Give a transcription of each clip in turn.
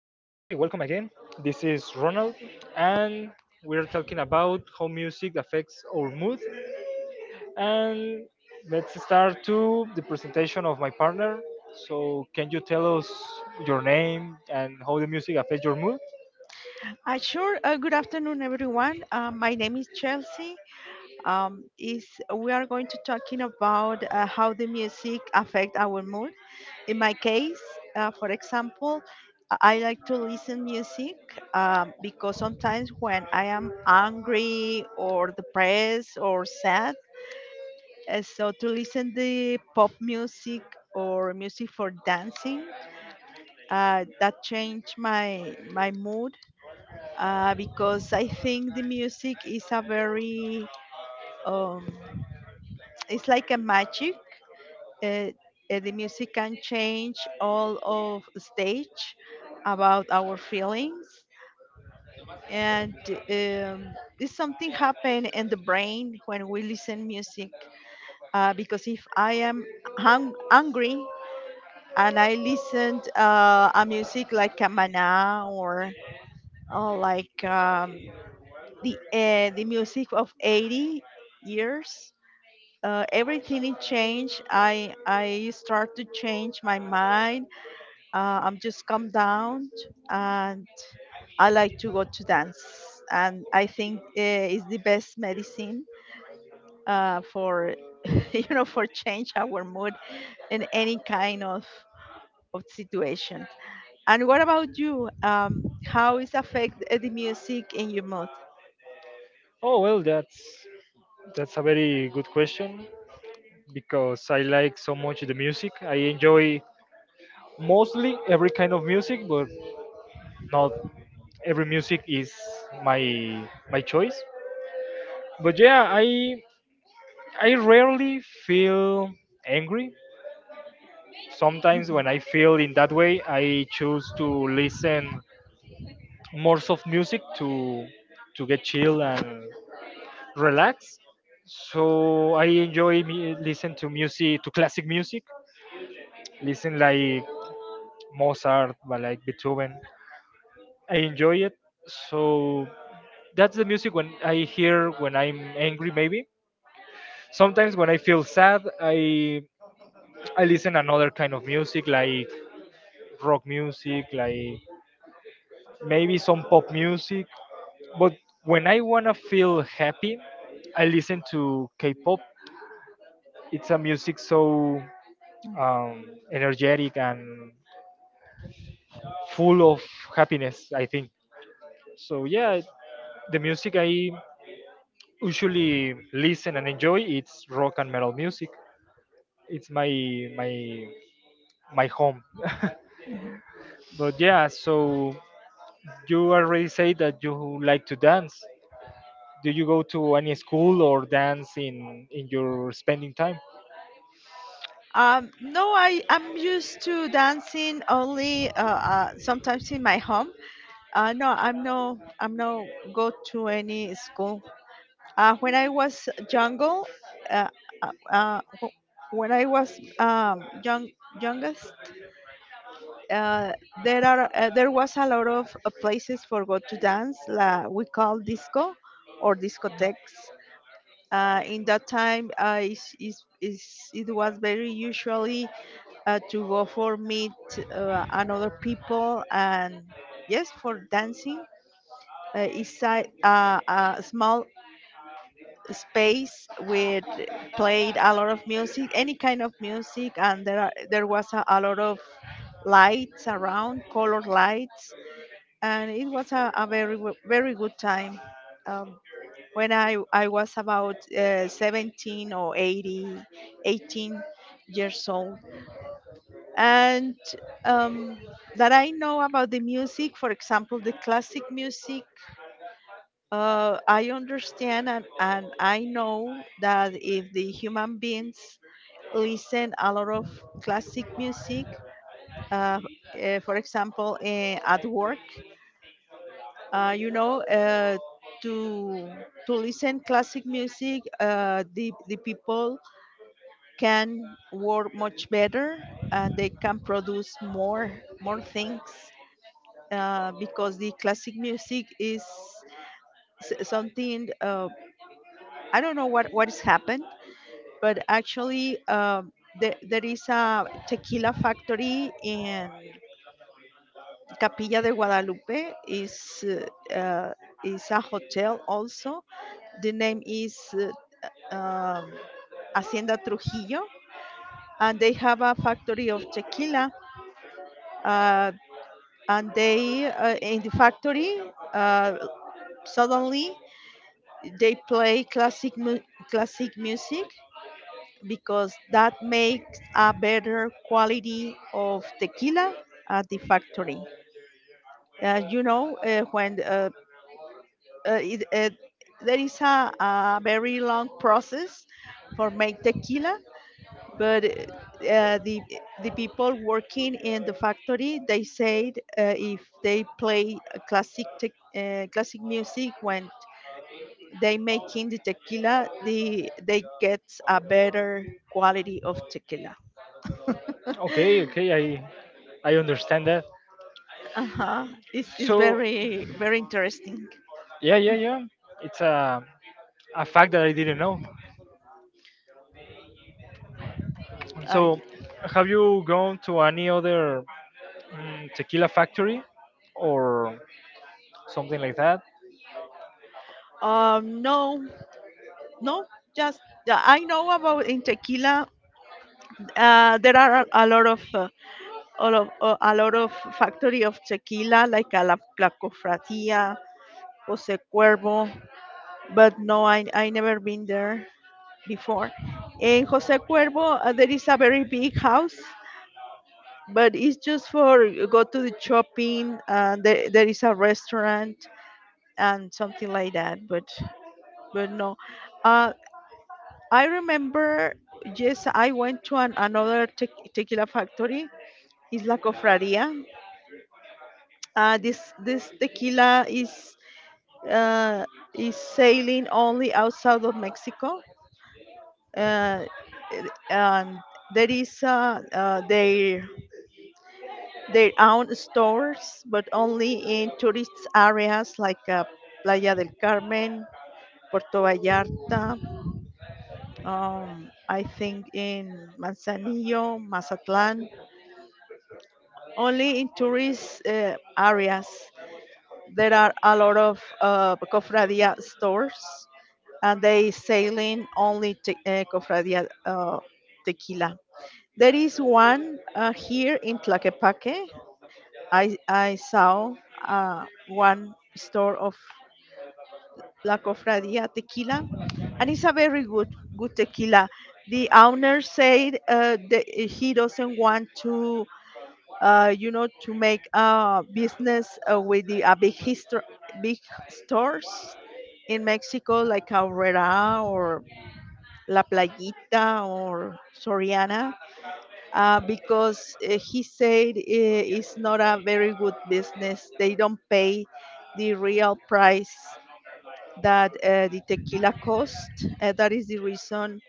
welcome again. This is Ronald, and we're talking about how music affects our mood. And let's start to the presentation of my partner. So, can you tell us your name and how the music affects your mood? Sure. Good afternoon, everyone. My name is Chelsea. Is We are going to talking about how the music affect our mood. In my case, for example, I like to listen music because sometimes when I am angry or depressed or sad, so to listen the pop music or music for dancing, that change my mood because I think the music is a very, um, it's like a magic. Uh, the music can change all of stage about our feelings, and, this something happen in the brain when we listen music. Because if I am angry, and I listened a music like Kamana, or like, the music of 80 years, everything it changed, I start to change my mind. I'm just calm down, and I like to go to dance, and I think, it's the best medicine for for change our mood in any kind of situation. And what about you? How is affect the music in your mood? Oh, well, that's a very good question because I like so much the music. I enjoy mostly every kind of music, but not every music is my my choice. But yeah, I rarely feel angry. Sometimes when I feel in that way I choose to listen more soft music to get chill and relax. So I enjoy me, listen to music to classic music. Listen like Mozart but like Beethoven, I enjoy it. So that's the music when I hear when I'm angry maybe. Sometimes when I feel sad I listen another kind of music like rock music, like maybe some pop music. But when I wanna feel happy, I listen to K-pop. It's a music so energetic and full of happiness. I think so. Yeah, the music I usually listen and enjoy it's rock and metal music. It's my my home. Mhm. But yeah, so you already say that you like to dance. Do you go to any school or dance in your spending time? No, I'm used to dancing only sometimes in my home. No, I'm no go to any school. When I was younger, uh, when I was, young youngest, uh, there was a lot of places for go to dance. La, we call disco or discotheques. In that time, is it was very usually to go for meet another people, and yes for dancing. It's a small space with played a lot of music, any kind of music, and there was a lot of lights around, color lights, and it was a very good time, um, when I was about 17 or 80 18 years old, and, um, that I know about the music, for example, the classic music. I understand, and I know that if the human beings listen a lot of classic music, uh, for example, at work, uh, you know, uh, to to listen classic music, the people can work much better, and they can produce more things, because the classic music is something. I don't know what has happened, but actually, there is a tequila factory in Capilla de Guadalupe. Is a hotel also. The name is uh, um, Hacienda Trujillo, and they have a factory of tequila. Uh, and they, in the factory, suddenly they play classic music, because that makes a better quality of tequila at the factory. Uh, you know, uh, when uh, uh, it, uh, there is a very long process for make tequila, but, the people working in the factory, they said, if they play a classic music when they making the tequila, they get a better quality of tequila. Okay, okay, I understand that. Uh-huh. It's So very, very interesting. yeah, yeah, yeah, it's a fact that I didn't know. uh, So have you gone to any other tequila factory or something like that? No, no, just, yeah, I know about in tequila. There are a lot of factory of tequila, like la cofradía, Jose Cuervo. But no, I never been there before. In Jose Cuervo, there is a very big house, but it's just for go to the shopping, and there is a restaurant and something like that. But no. uh I remember. Yes, I went to another tequila factory, Isla Cofradia. This tequila is uh sailing only outside of Mexico, uh and there is their own stores, but only in tourist areas, like, Playa del Carmen, Puerto Vallarta, I think in Manzanillo, Mazatlan, only in tourist areas. There are a lot of cofradia stores, and they selling only cofradia tequila. There is one here in Tlaquepaque. I saw one store of La Cofradía tequila, and it's a very good, good tequila. The owner said, that he doesn't want to, to make business with the, big stores in Mexico, like Aurrera or La Playita or Soriana, because, he said, it's not a very good business. They don't pay the real price that, the tequila cost. That is the reason,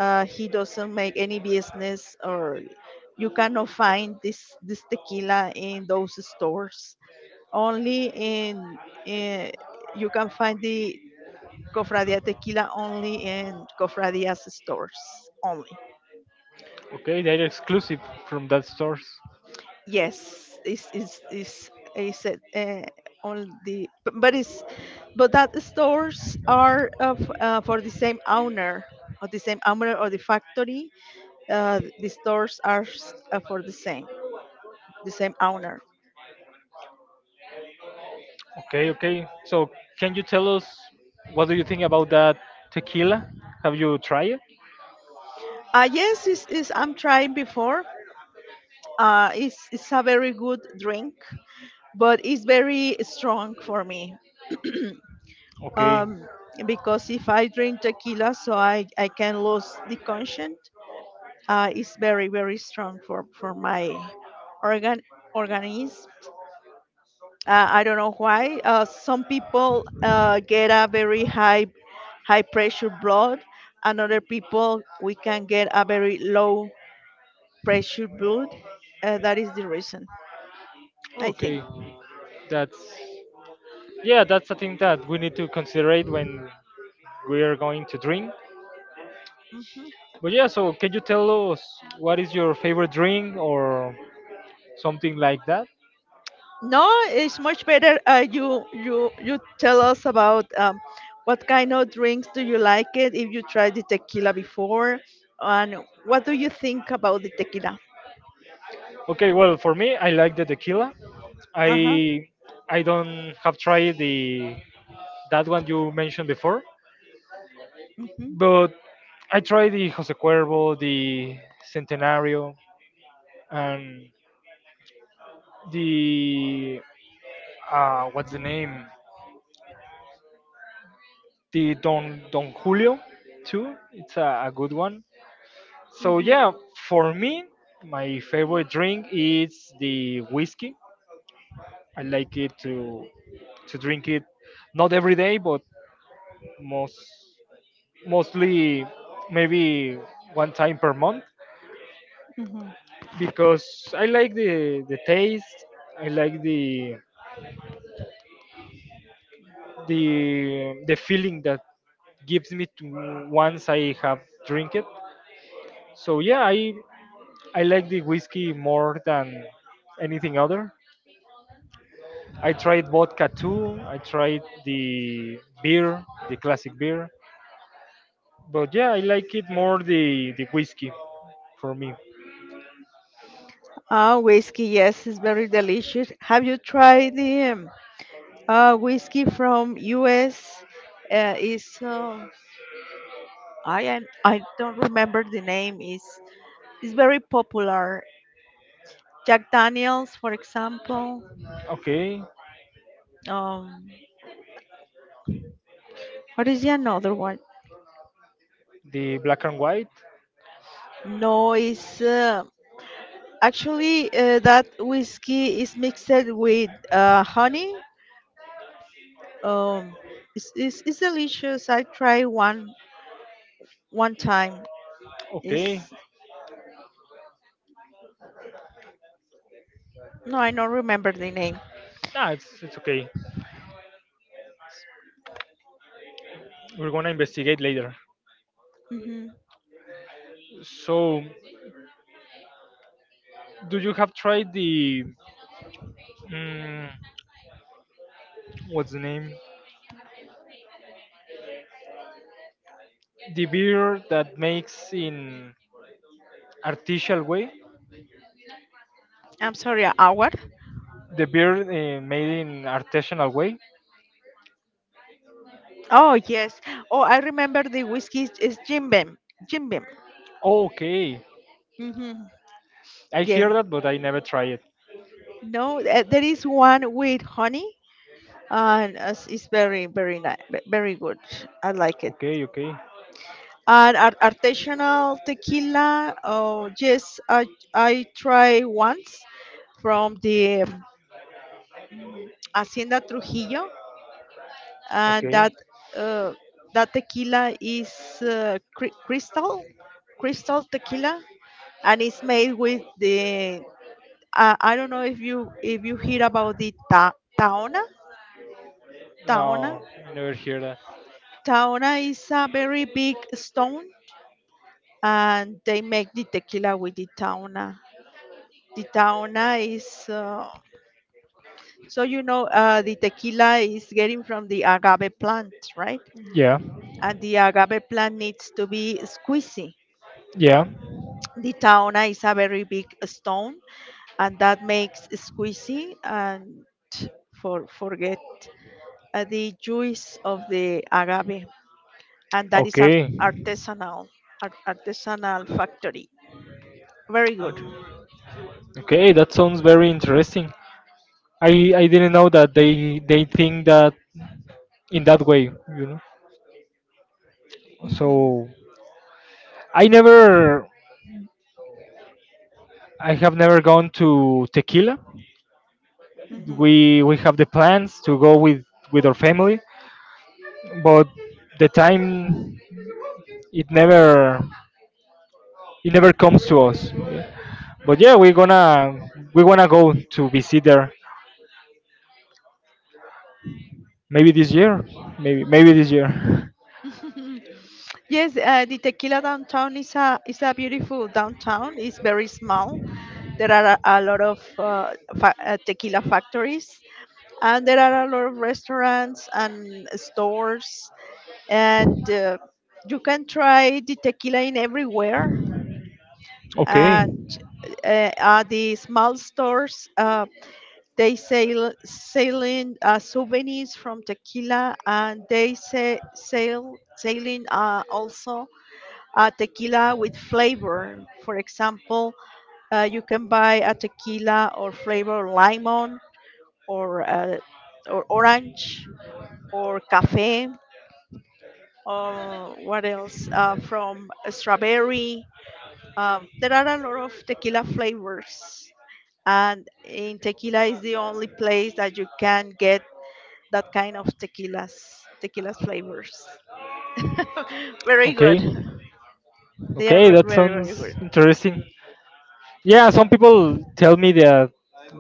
he doesn't make any business, or you cannot find this tequila in those stores. Only in you can find the Cofradia tequila only in Cofradia's stores only. Okay, they're exclusive from that stores. Yes, is it, on the but it's but that stores are of, for the same owner, or the same owner or the factory. The stores are for the same owner. Okay, okay, so can you tell us what do you think about that tequila? Have you tried it? Yes, I'm trying before. It's a very good drink, but it's very strong for me. Okay. um, because if I drink tequila, so I can lose the conscience. Is very, very strong for my organ organism. I don't know why. Some people, get a very high pressure blood, and other people we can get a very low pressure blood. That is the reason, I think. Okay, that's Yeah, that's a thing that we need to consider it when we are going to drink. Mhm. But yeah, so can you tell us what is your favorite drink or something like that? No, it's much better. You tell us about, what kind of drinks do you like it? If you tried the tequila before, and what do you think about the tequila? Okay, well for me, I like the tequila. I Uh-huh. I don't have tried the that one you mentioned before, Mm-hmm. but I tried the Jose Cuervo, the Centenario, and the what's the name? The Don Julio too. It's a good one. So yeah, for me, my favorite drink is the whiskey. I like it to drink it not every day, but most mostly maybe one time per month Mm-hmm. because I like the taste. I like the feeling that gives me to once I have drink it. So yeah, I like the whiskey more than anything other. I tried vodka too. I tried the beer, the classic beer. But yeah, I like it more the whiskey for me. Ah, whiskey, yes, it's very delicious. Have you tried the whiskey from US? Uh, it's uh, I don't remember the name. It's very popular. Jack Daniels, for example. Okay, Um, what is the another one? the black and white. No, it's actually, that whiskey is mixed with, honey. Um, it's delicious. I tried one time. Is Okay, No, I don't remember the name. nah, it's okay. We're gonna investigate later. Hmm. So, do you have tried the mm, what's the name? The beer that makes in artificial way? I'm sorry, our. The beer made in artisanal way. Oh, yes. Oh, I remember the whiskey is Jim Beam. Jim Beam. Okay, Hmm. I Yeah. hear that, but I never try it. No, there is one with honey, and it's very, very nice, very good. I like it. Okay, okay, And artisanal tequila. Oh, yes, I try once from the, Hacienda Trujillo. And okay. uh, that tequila is uh, cri- crystal crystal tequila, and it's made with the. I don't know if you hear about the taona. No, I never hear that. Taona is a very big stone, and they make the tequila with the taona. The taona is, so the tequila is getting from the agave plant, right? Yeah, And the agave plant needs to be squeezed. yeah. The town is a very big stone, and that makes squeezy and forget, the juice of the agave, and that is Okay, artisanal factory, very good. okay, that sounds very interesting. I didn't know that they think that in that way. Hmm. So I never I have never gone to Tequila. Hmm. We have the plans to go with our family, but the time it never it never comes to us. Yeah. But yeah, we wanna go to visit there. Maybe this year, maybe this year. Yes, the Tequila downtown is a beautiful downtown. It's very small. There are a lot of tequila factories, and there are a lot of restaurants and stores, and, you can try the tequila in everywhere. Okay, And, at the small stores, they selling souvenirs from tequila, and they say sell selling also tequila with flavor. For example, you can buy a tequila or flavor lemon, or uh, or orange or cafe or what else, from strawberry. There are a lot of tequila flavors, and in tequila is the only place that you can get that kind of tequilas, tequila flavors. Very good. okay. They are Okay, that very, very sounds good. interesting. Yeah, some people tell me that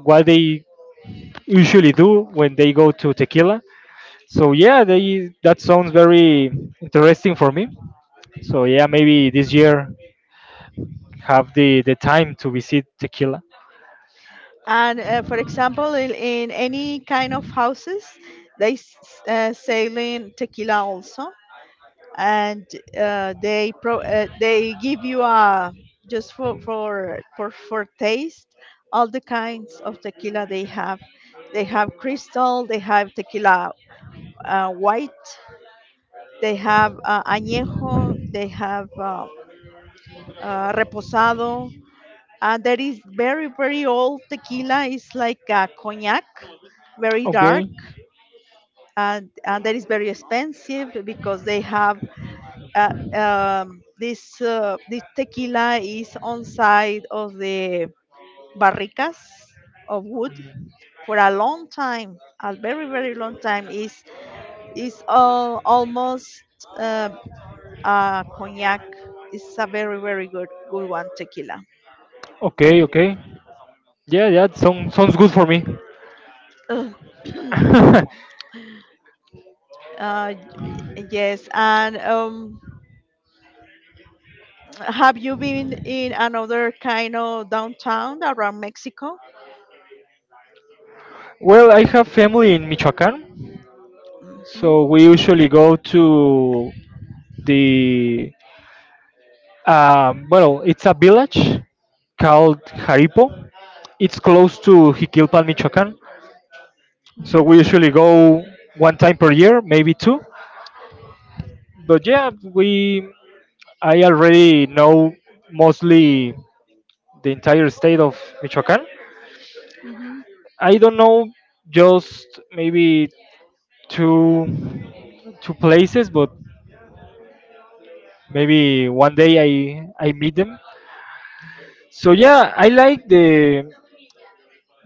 what they usually do when they go to tequila. So yeah, they that sounds very interesting for me. So yeah, maybe this year have the time to visit tequila. And, for example, in any kind of houses, they selling tequila also, and they give you a just for taste all the kinds of tequila they have. They have crystal, they have tequila white, they have añejo, they have reposado, that is very, very old tequila. It's like a cognac, very dark. Okay. And that is very expensive because they have this tequila is on side of the barricas of wood Mm. for a long time, a very, very long time. Is all almost, uh, a cognac. It's a very, very good, good one tequila. Okay, okay. Yeah, yeah, it sounds good for me. Ugh. Uh, yes, and, have you been in another kind of downtown around Mexico? Well, I have family in Michoacán, Mhm. so we usually go to the well, it's a village called Jaripo. It's close to Jiquilpan, Michoacán. So Mm. we usually go one time per year, maybe two. But yeah, we I already know mostly the entire state of Michoacán. Mhm. I don't know, just maybe two two places, but maybe one day I meet them. So yeah, I like the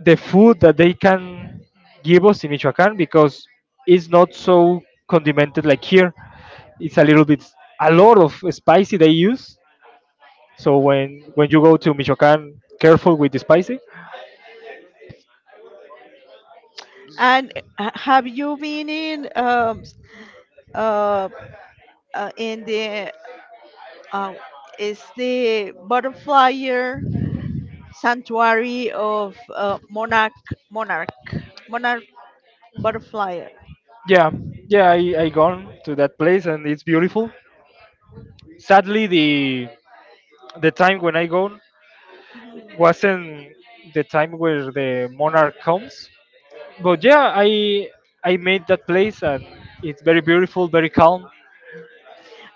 the food that they can give us in Michoacán because it's not so condimented like here. It's a little bit a lot of spicy they use. So when you go to Michoacán, careful with the spicy. And, have you been in, s- uh, in the uh, is the butterfly sanctuary of monarch monarch butterfly? Yeah, yeah, I gone to that place and it's beautiful. Sadly, the time when I gone wasn't the time where the monarch comes. But yeah, I made that place and it's very beautiful, very calm.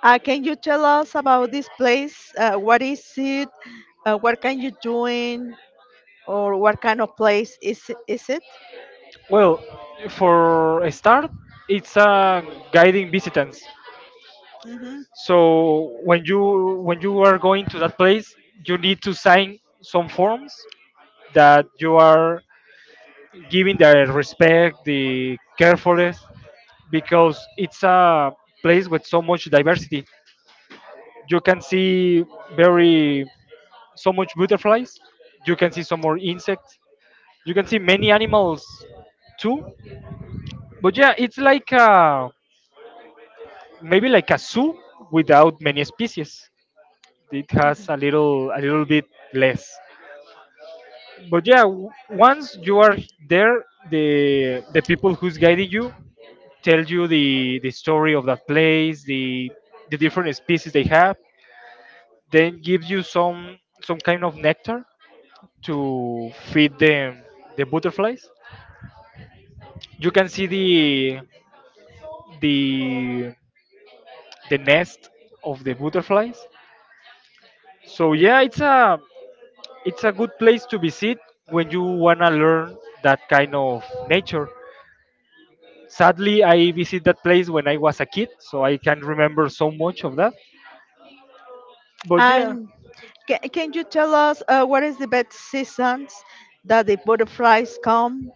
Can you tell us about this place? What is it? What can you do? Or what kind of place is it? Well, for a start, it's guiding visitants. Hmm. So when you are going to that place, you need to sign some forms that you are giving the respect, the carefulness, because it's a place with so much diversity. You can see very so much butterflies. You can see some more insects. You can see many animals too. But yeah, it's like a maybe like a zoo without many species. It has a little bit less. But yeah, once you are there, the people who's guiding you tell you the story of that place, the different species they have, then give you some kind of nectar to feed the butterflies. You can see the the nest of the butterflies. So yeah, it's a good place to visit when you want to learn that kind of nature. Sadly, I visit that place when I was a kid, so I can't remember so much of that. But yeah, And can you tell us, what is the best seasons that the butterflies come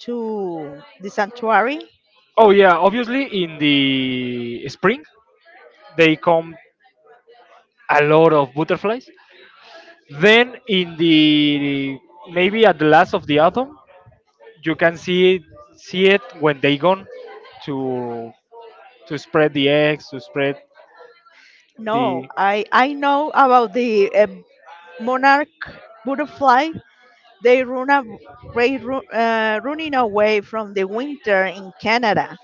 to the sanctuary? oh yeah, obviously in the spring they come a lot of butterflies. Then in the maybe at the last of the autumn, you can see it, when they gone to to spread the eggs, to spread No, the I know about the monarch butterfly. They run a, they ru- Running away from the winter in Canada,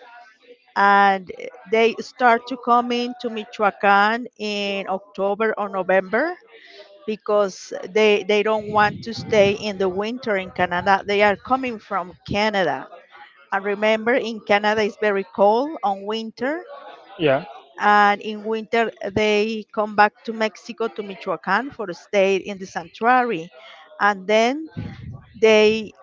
and they start to come into Michoacan in October or November because they don't want to stay in the winter in Canada. They are coming from Canada. And remember in Canada it's very cold on winter, yeah. and in winter they come back to Mexico to Michoacan for a stay in the sanctuary, and then they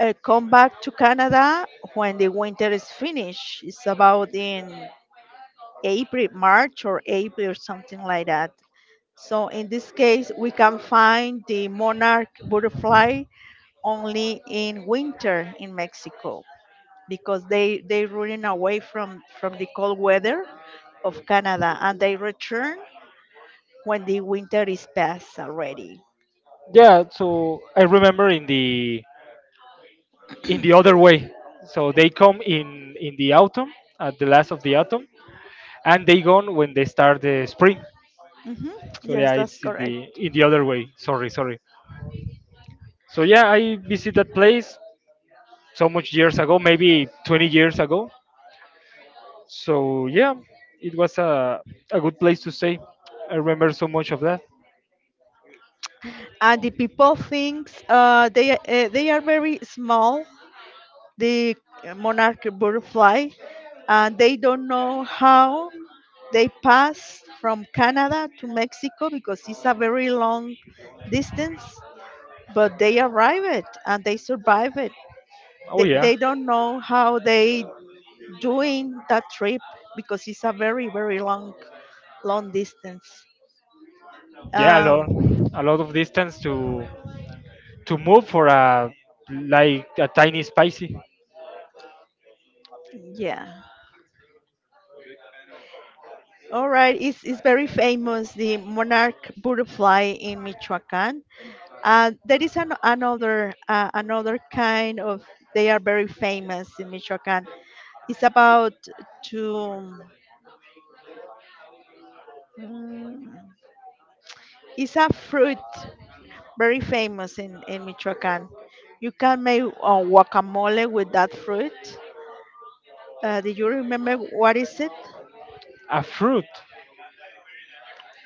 come back to Canada when the winter is finished. It's about in April, March or April, something like that. So in this case, we can find the monarch butterfly only in winter in Mexico because they running away from the cold weather of Canada, and they return when the winter is past already. Yeah, so I remember in the other way. So they come in the autumn at the last of the autumn, and they gone when they start the spring. Hmm. So Yes, yeah, that's it's in the correct. in the other way. Sorry. So yeah, I visit that place so much years ago, maybe 20 years ago. So yeah, it was a good place to stay. I remember so much of that. And the people thinks they are very small. The monarch butterfly, and they don't know how they pass from Canada to Mexico because it's a very long distance, but they arrive it and they survive it. Oh They, yeah. they don't know how they doing that trip because it's a very very long distance. Yeah, Um, a lot of distance to move for a like a tiny spicy. yeah. All right. It's very famous, the monarch butterfly in Michoacan. There is another another kind of. They are very famous in Michoacan. It's about to. mm, it's a fruit very famous in Michoacán. You can make guacamole with that fruit. Do you remember what is it? A fruit.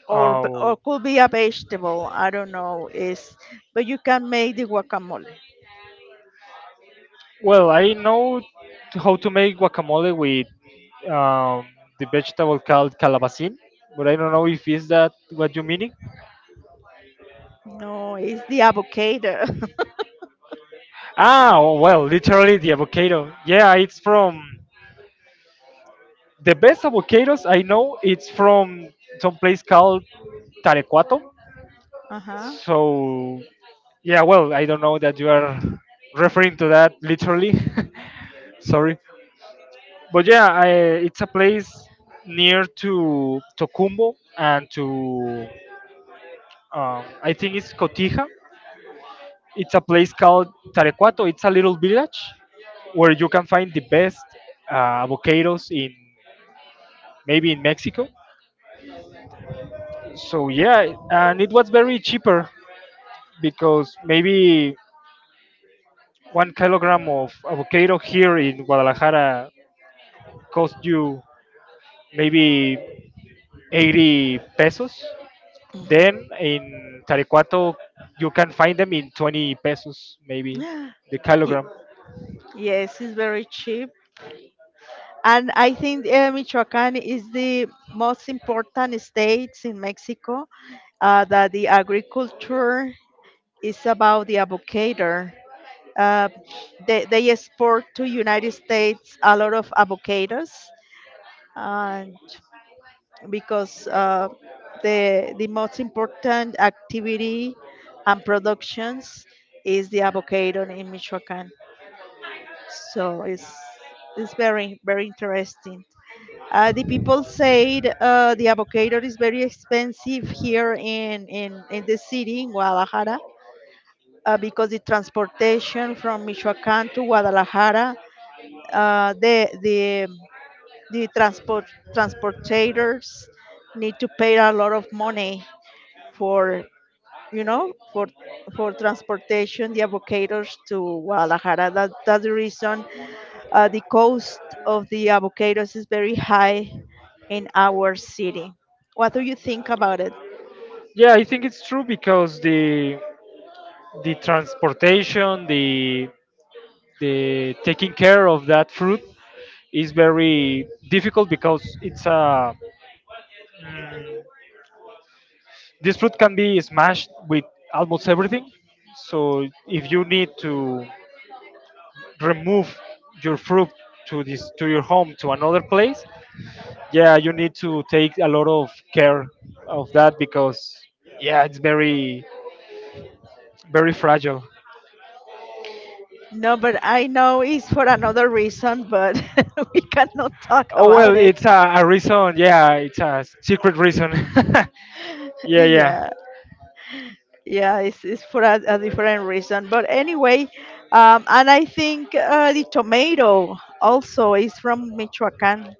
Or or Oh could be a vegetable. I don't know. Is, but you can make the guacamole. well, I know how to make guacamole with um, the vegetable called calabacin, but I don't know if is that what you meaning. No, it's the avocado. Oh, well literally the avocado. Yeah, it's from the best avocados I know. It's from some place called Tarecuato. uh huh. So yeah, well I don't know that you are referring to that literally. Sorry. But yeah, it's a place near to Tocumbo and to I think it's Cotija. It's a place called Tarecuato. It's a little village where you can find the best avocados in maybe in Mexico. So yeah, and it was very cheaper because maybe 1 kilogram of avocado here in Guadalajara cost you maybe 80 pesos. Then in Tarecuato, you can find them in 20 pesos, maybe the kilogram. Yes, it's very cheap. And I think Michoacán is the most important states in Mexico that the agriculture is about the avocado. Uh, they export to United States a lot of avocados uh, because the most important activity and productions is the avocado in Michoacán. So it's very very interesting. The people said the avocado is very expensive here in the city, in Guadalajara, because the transportation from Michoacán to Guadalajara, uh, the, the, the transportators need to pay a lot of money for, you know, for transportation the avocados to Guadalajara. That's the reason the cost of the avocados is very high in our city. What do you think about it? Yeah, I think it's true because the transportation, the taking care of that fruit is very difficult because it's mm, this fruit can be smashed with almost everything. So if you need to remove your fruit to your home to another place, yeah you need to take a lot of care of that because yeah it's very, very fragile. No, but I know it's for another reason, but we cannot talk Oh well, about it. it's a reason. Yeah, it's a secret reason. Yeah, yeah. Yeah, yeah, it's for a different reason. But anyway, and I think the tomato also is from Michoacan,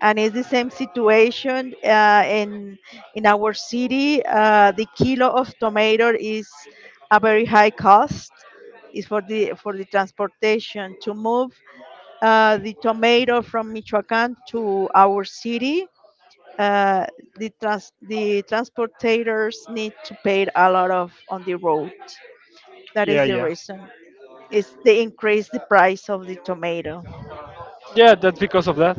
and it's the same situation in our city. The kilo of tomato is a very high cost. Is for the transportation to move the tomato from Michoacán to our city. Uh, the transportators need to pay a lot of on the road. That Yeah, is the yeah, reason. Is they increase the price of the tomato. yeah that's because of that.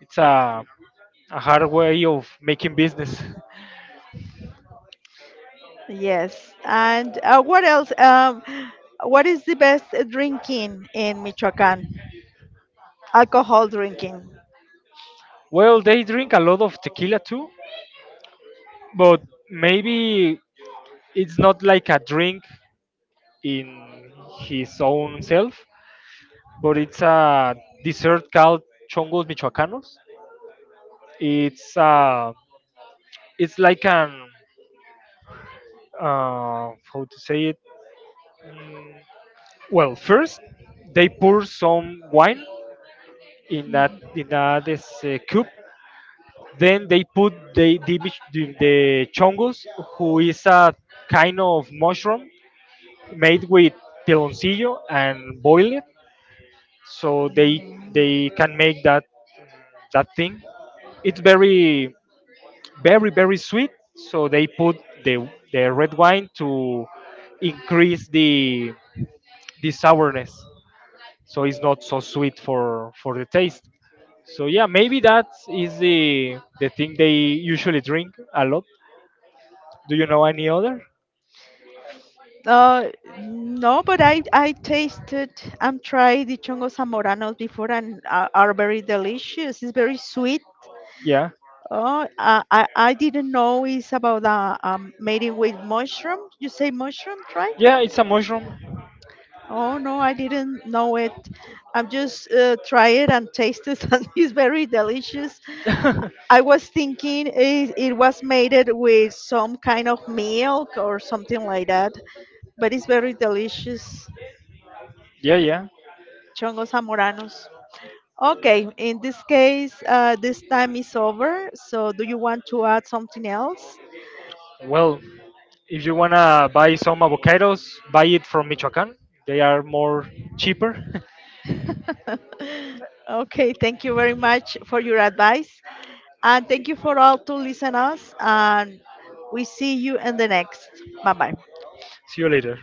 It's a hard way of making business. Yes. And what else? What is the best drinking in Michoacán? Alcohol drinking. Well, they drink a lot of tequila too, but maybe it's not like a drink in his own self, but it's a dessert called chongos michoacanos. It's uh, it's like an how to say it. Well, first they pour some wine in that this, cup. Then they put the, mich- the chongos, who is a kind of mushroom made with piloncillo and boil it, so they Mm. they can make that thing. It's very, very, very sweet, so they put the red wine to increase the sourness, so it's not so sweet for the taste. So yeah, maybe that is the thing they usually drink a lot. Do you know any other? Uh, no, but I tasted and tried the chongos zamoranos before, and are very delicious. It's very sweet. Yeah, Oh, I didn't know it's about made it with mushroom. You say mushroom, right? yeah, it's a mushroom. Oh, no, I didn't know it. I'm just try it and taste it, and it's very delicious. Yeah, I was thinking it, it was made it with some kind of milk or something like that, but it's very delicious. yeah, Chongos zamoranos. Okay, in this case, this time is over. So, do you want to add something else? well if you wanna buy some avocados, buy it from Michoacan, they are more cheaper. Okay, thank you very much for your advice, and thank you for all to listen us. And we see you in the next. Bye bye. See you later.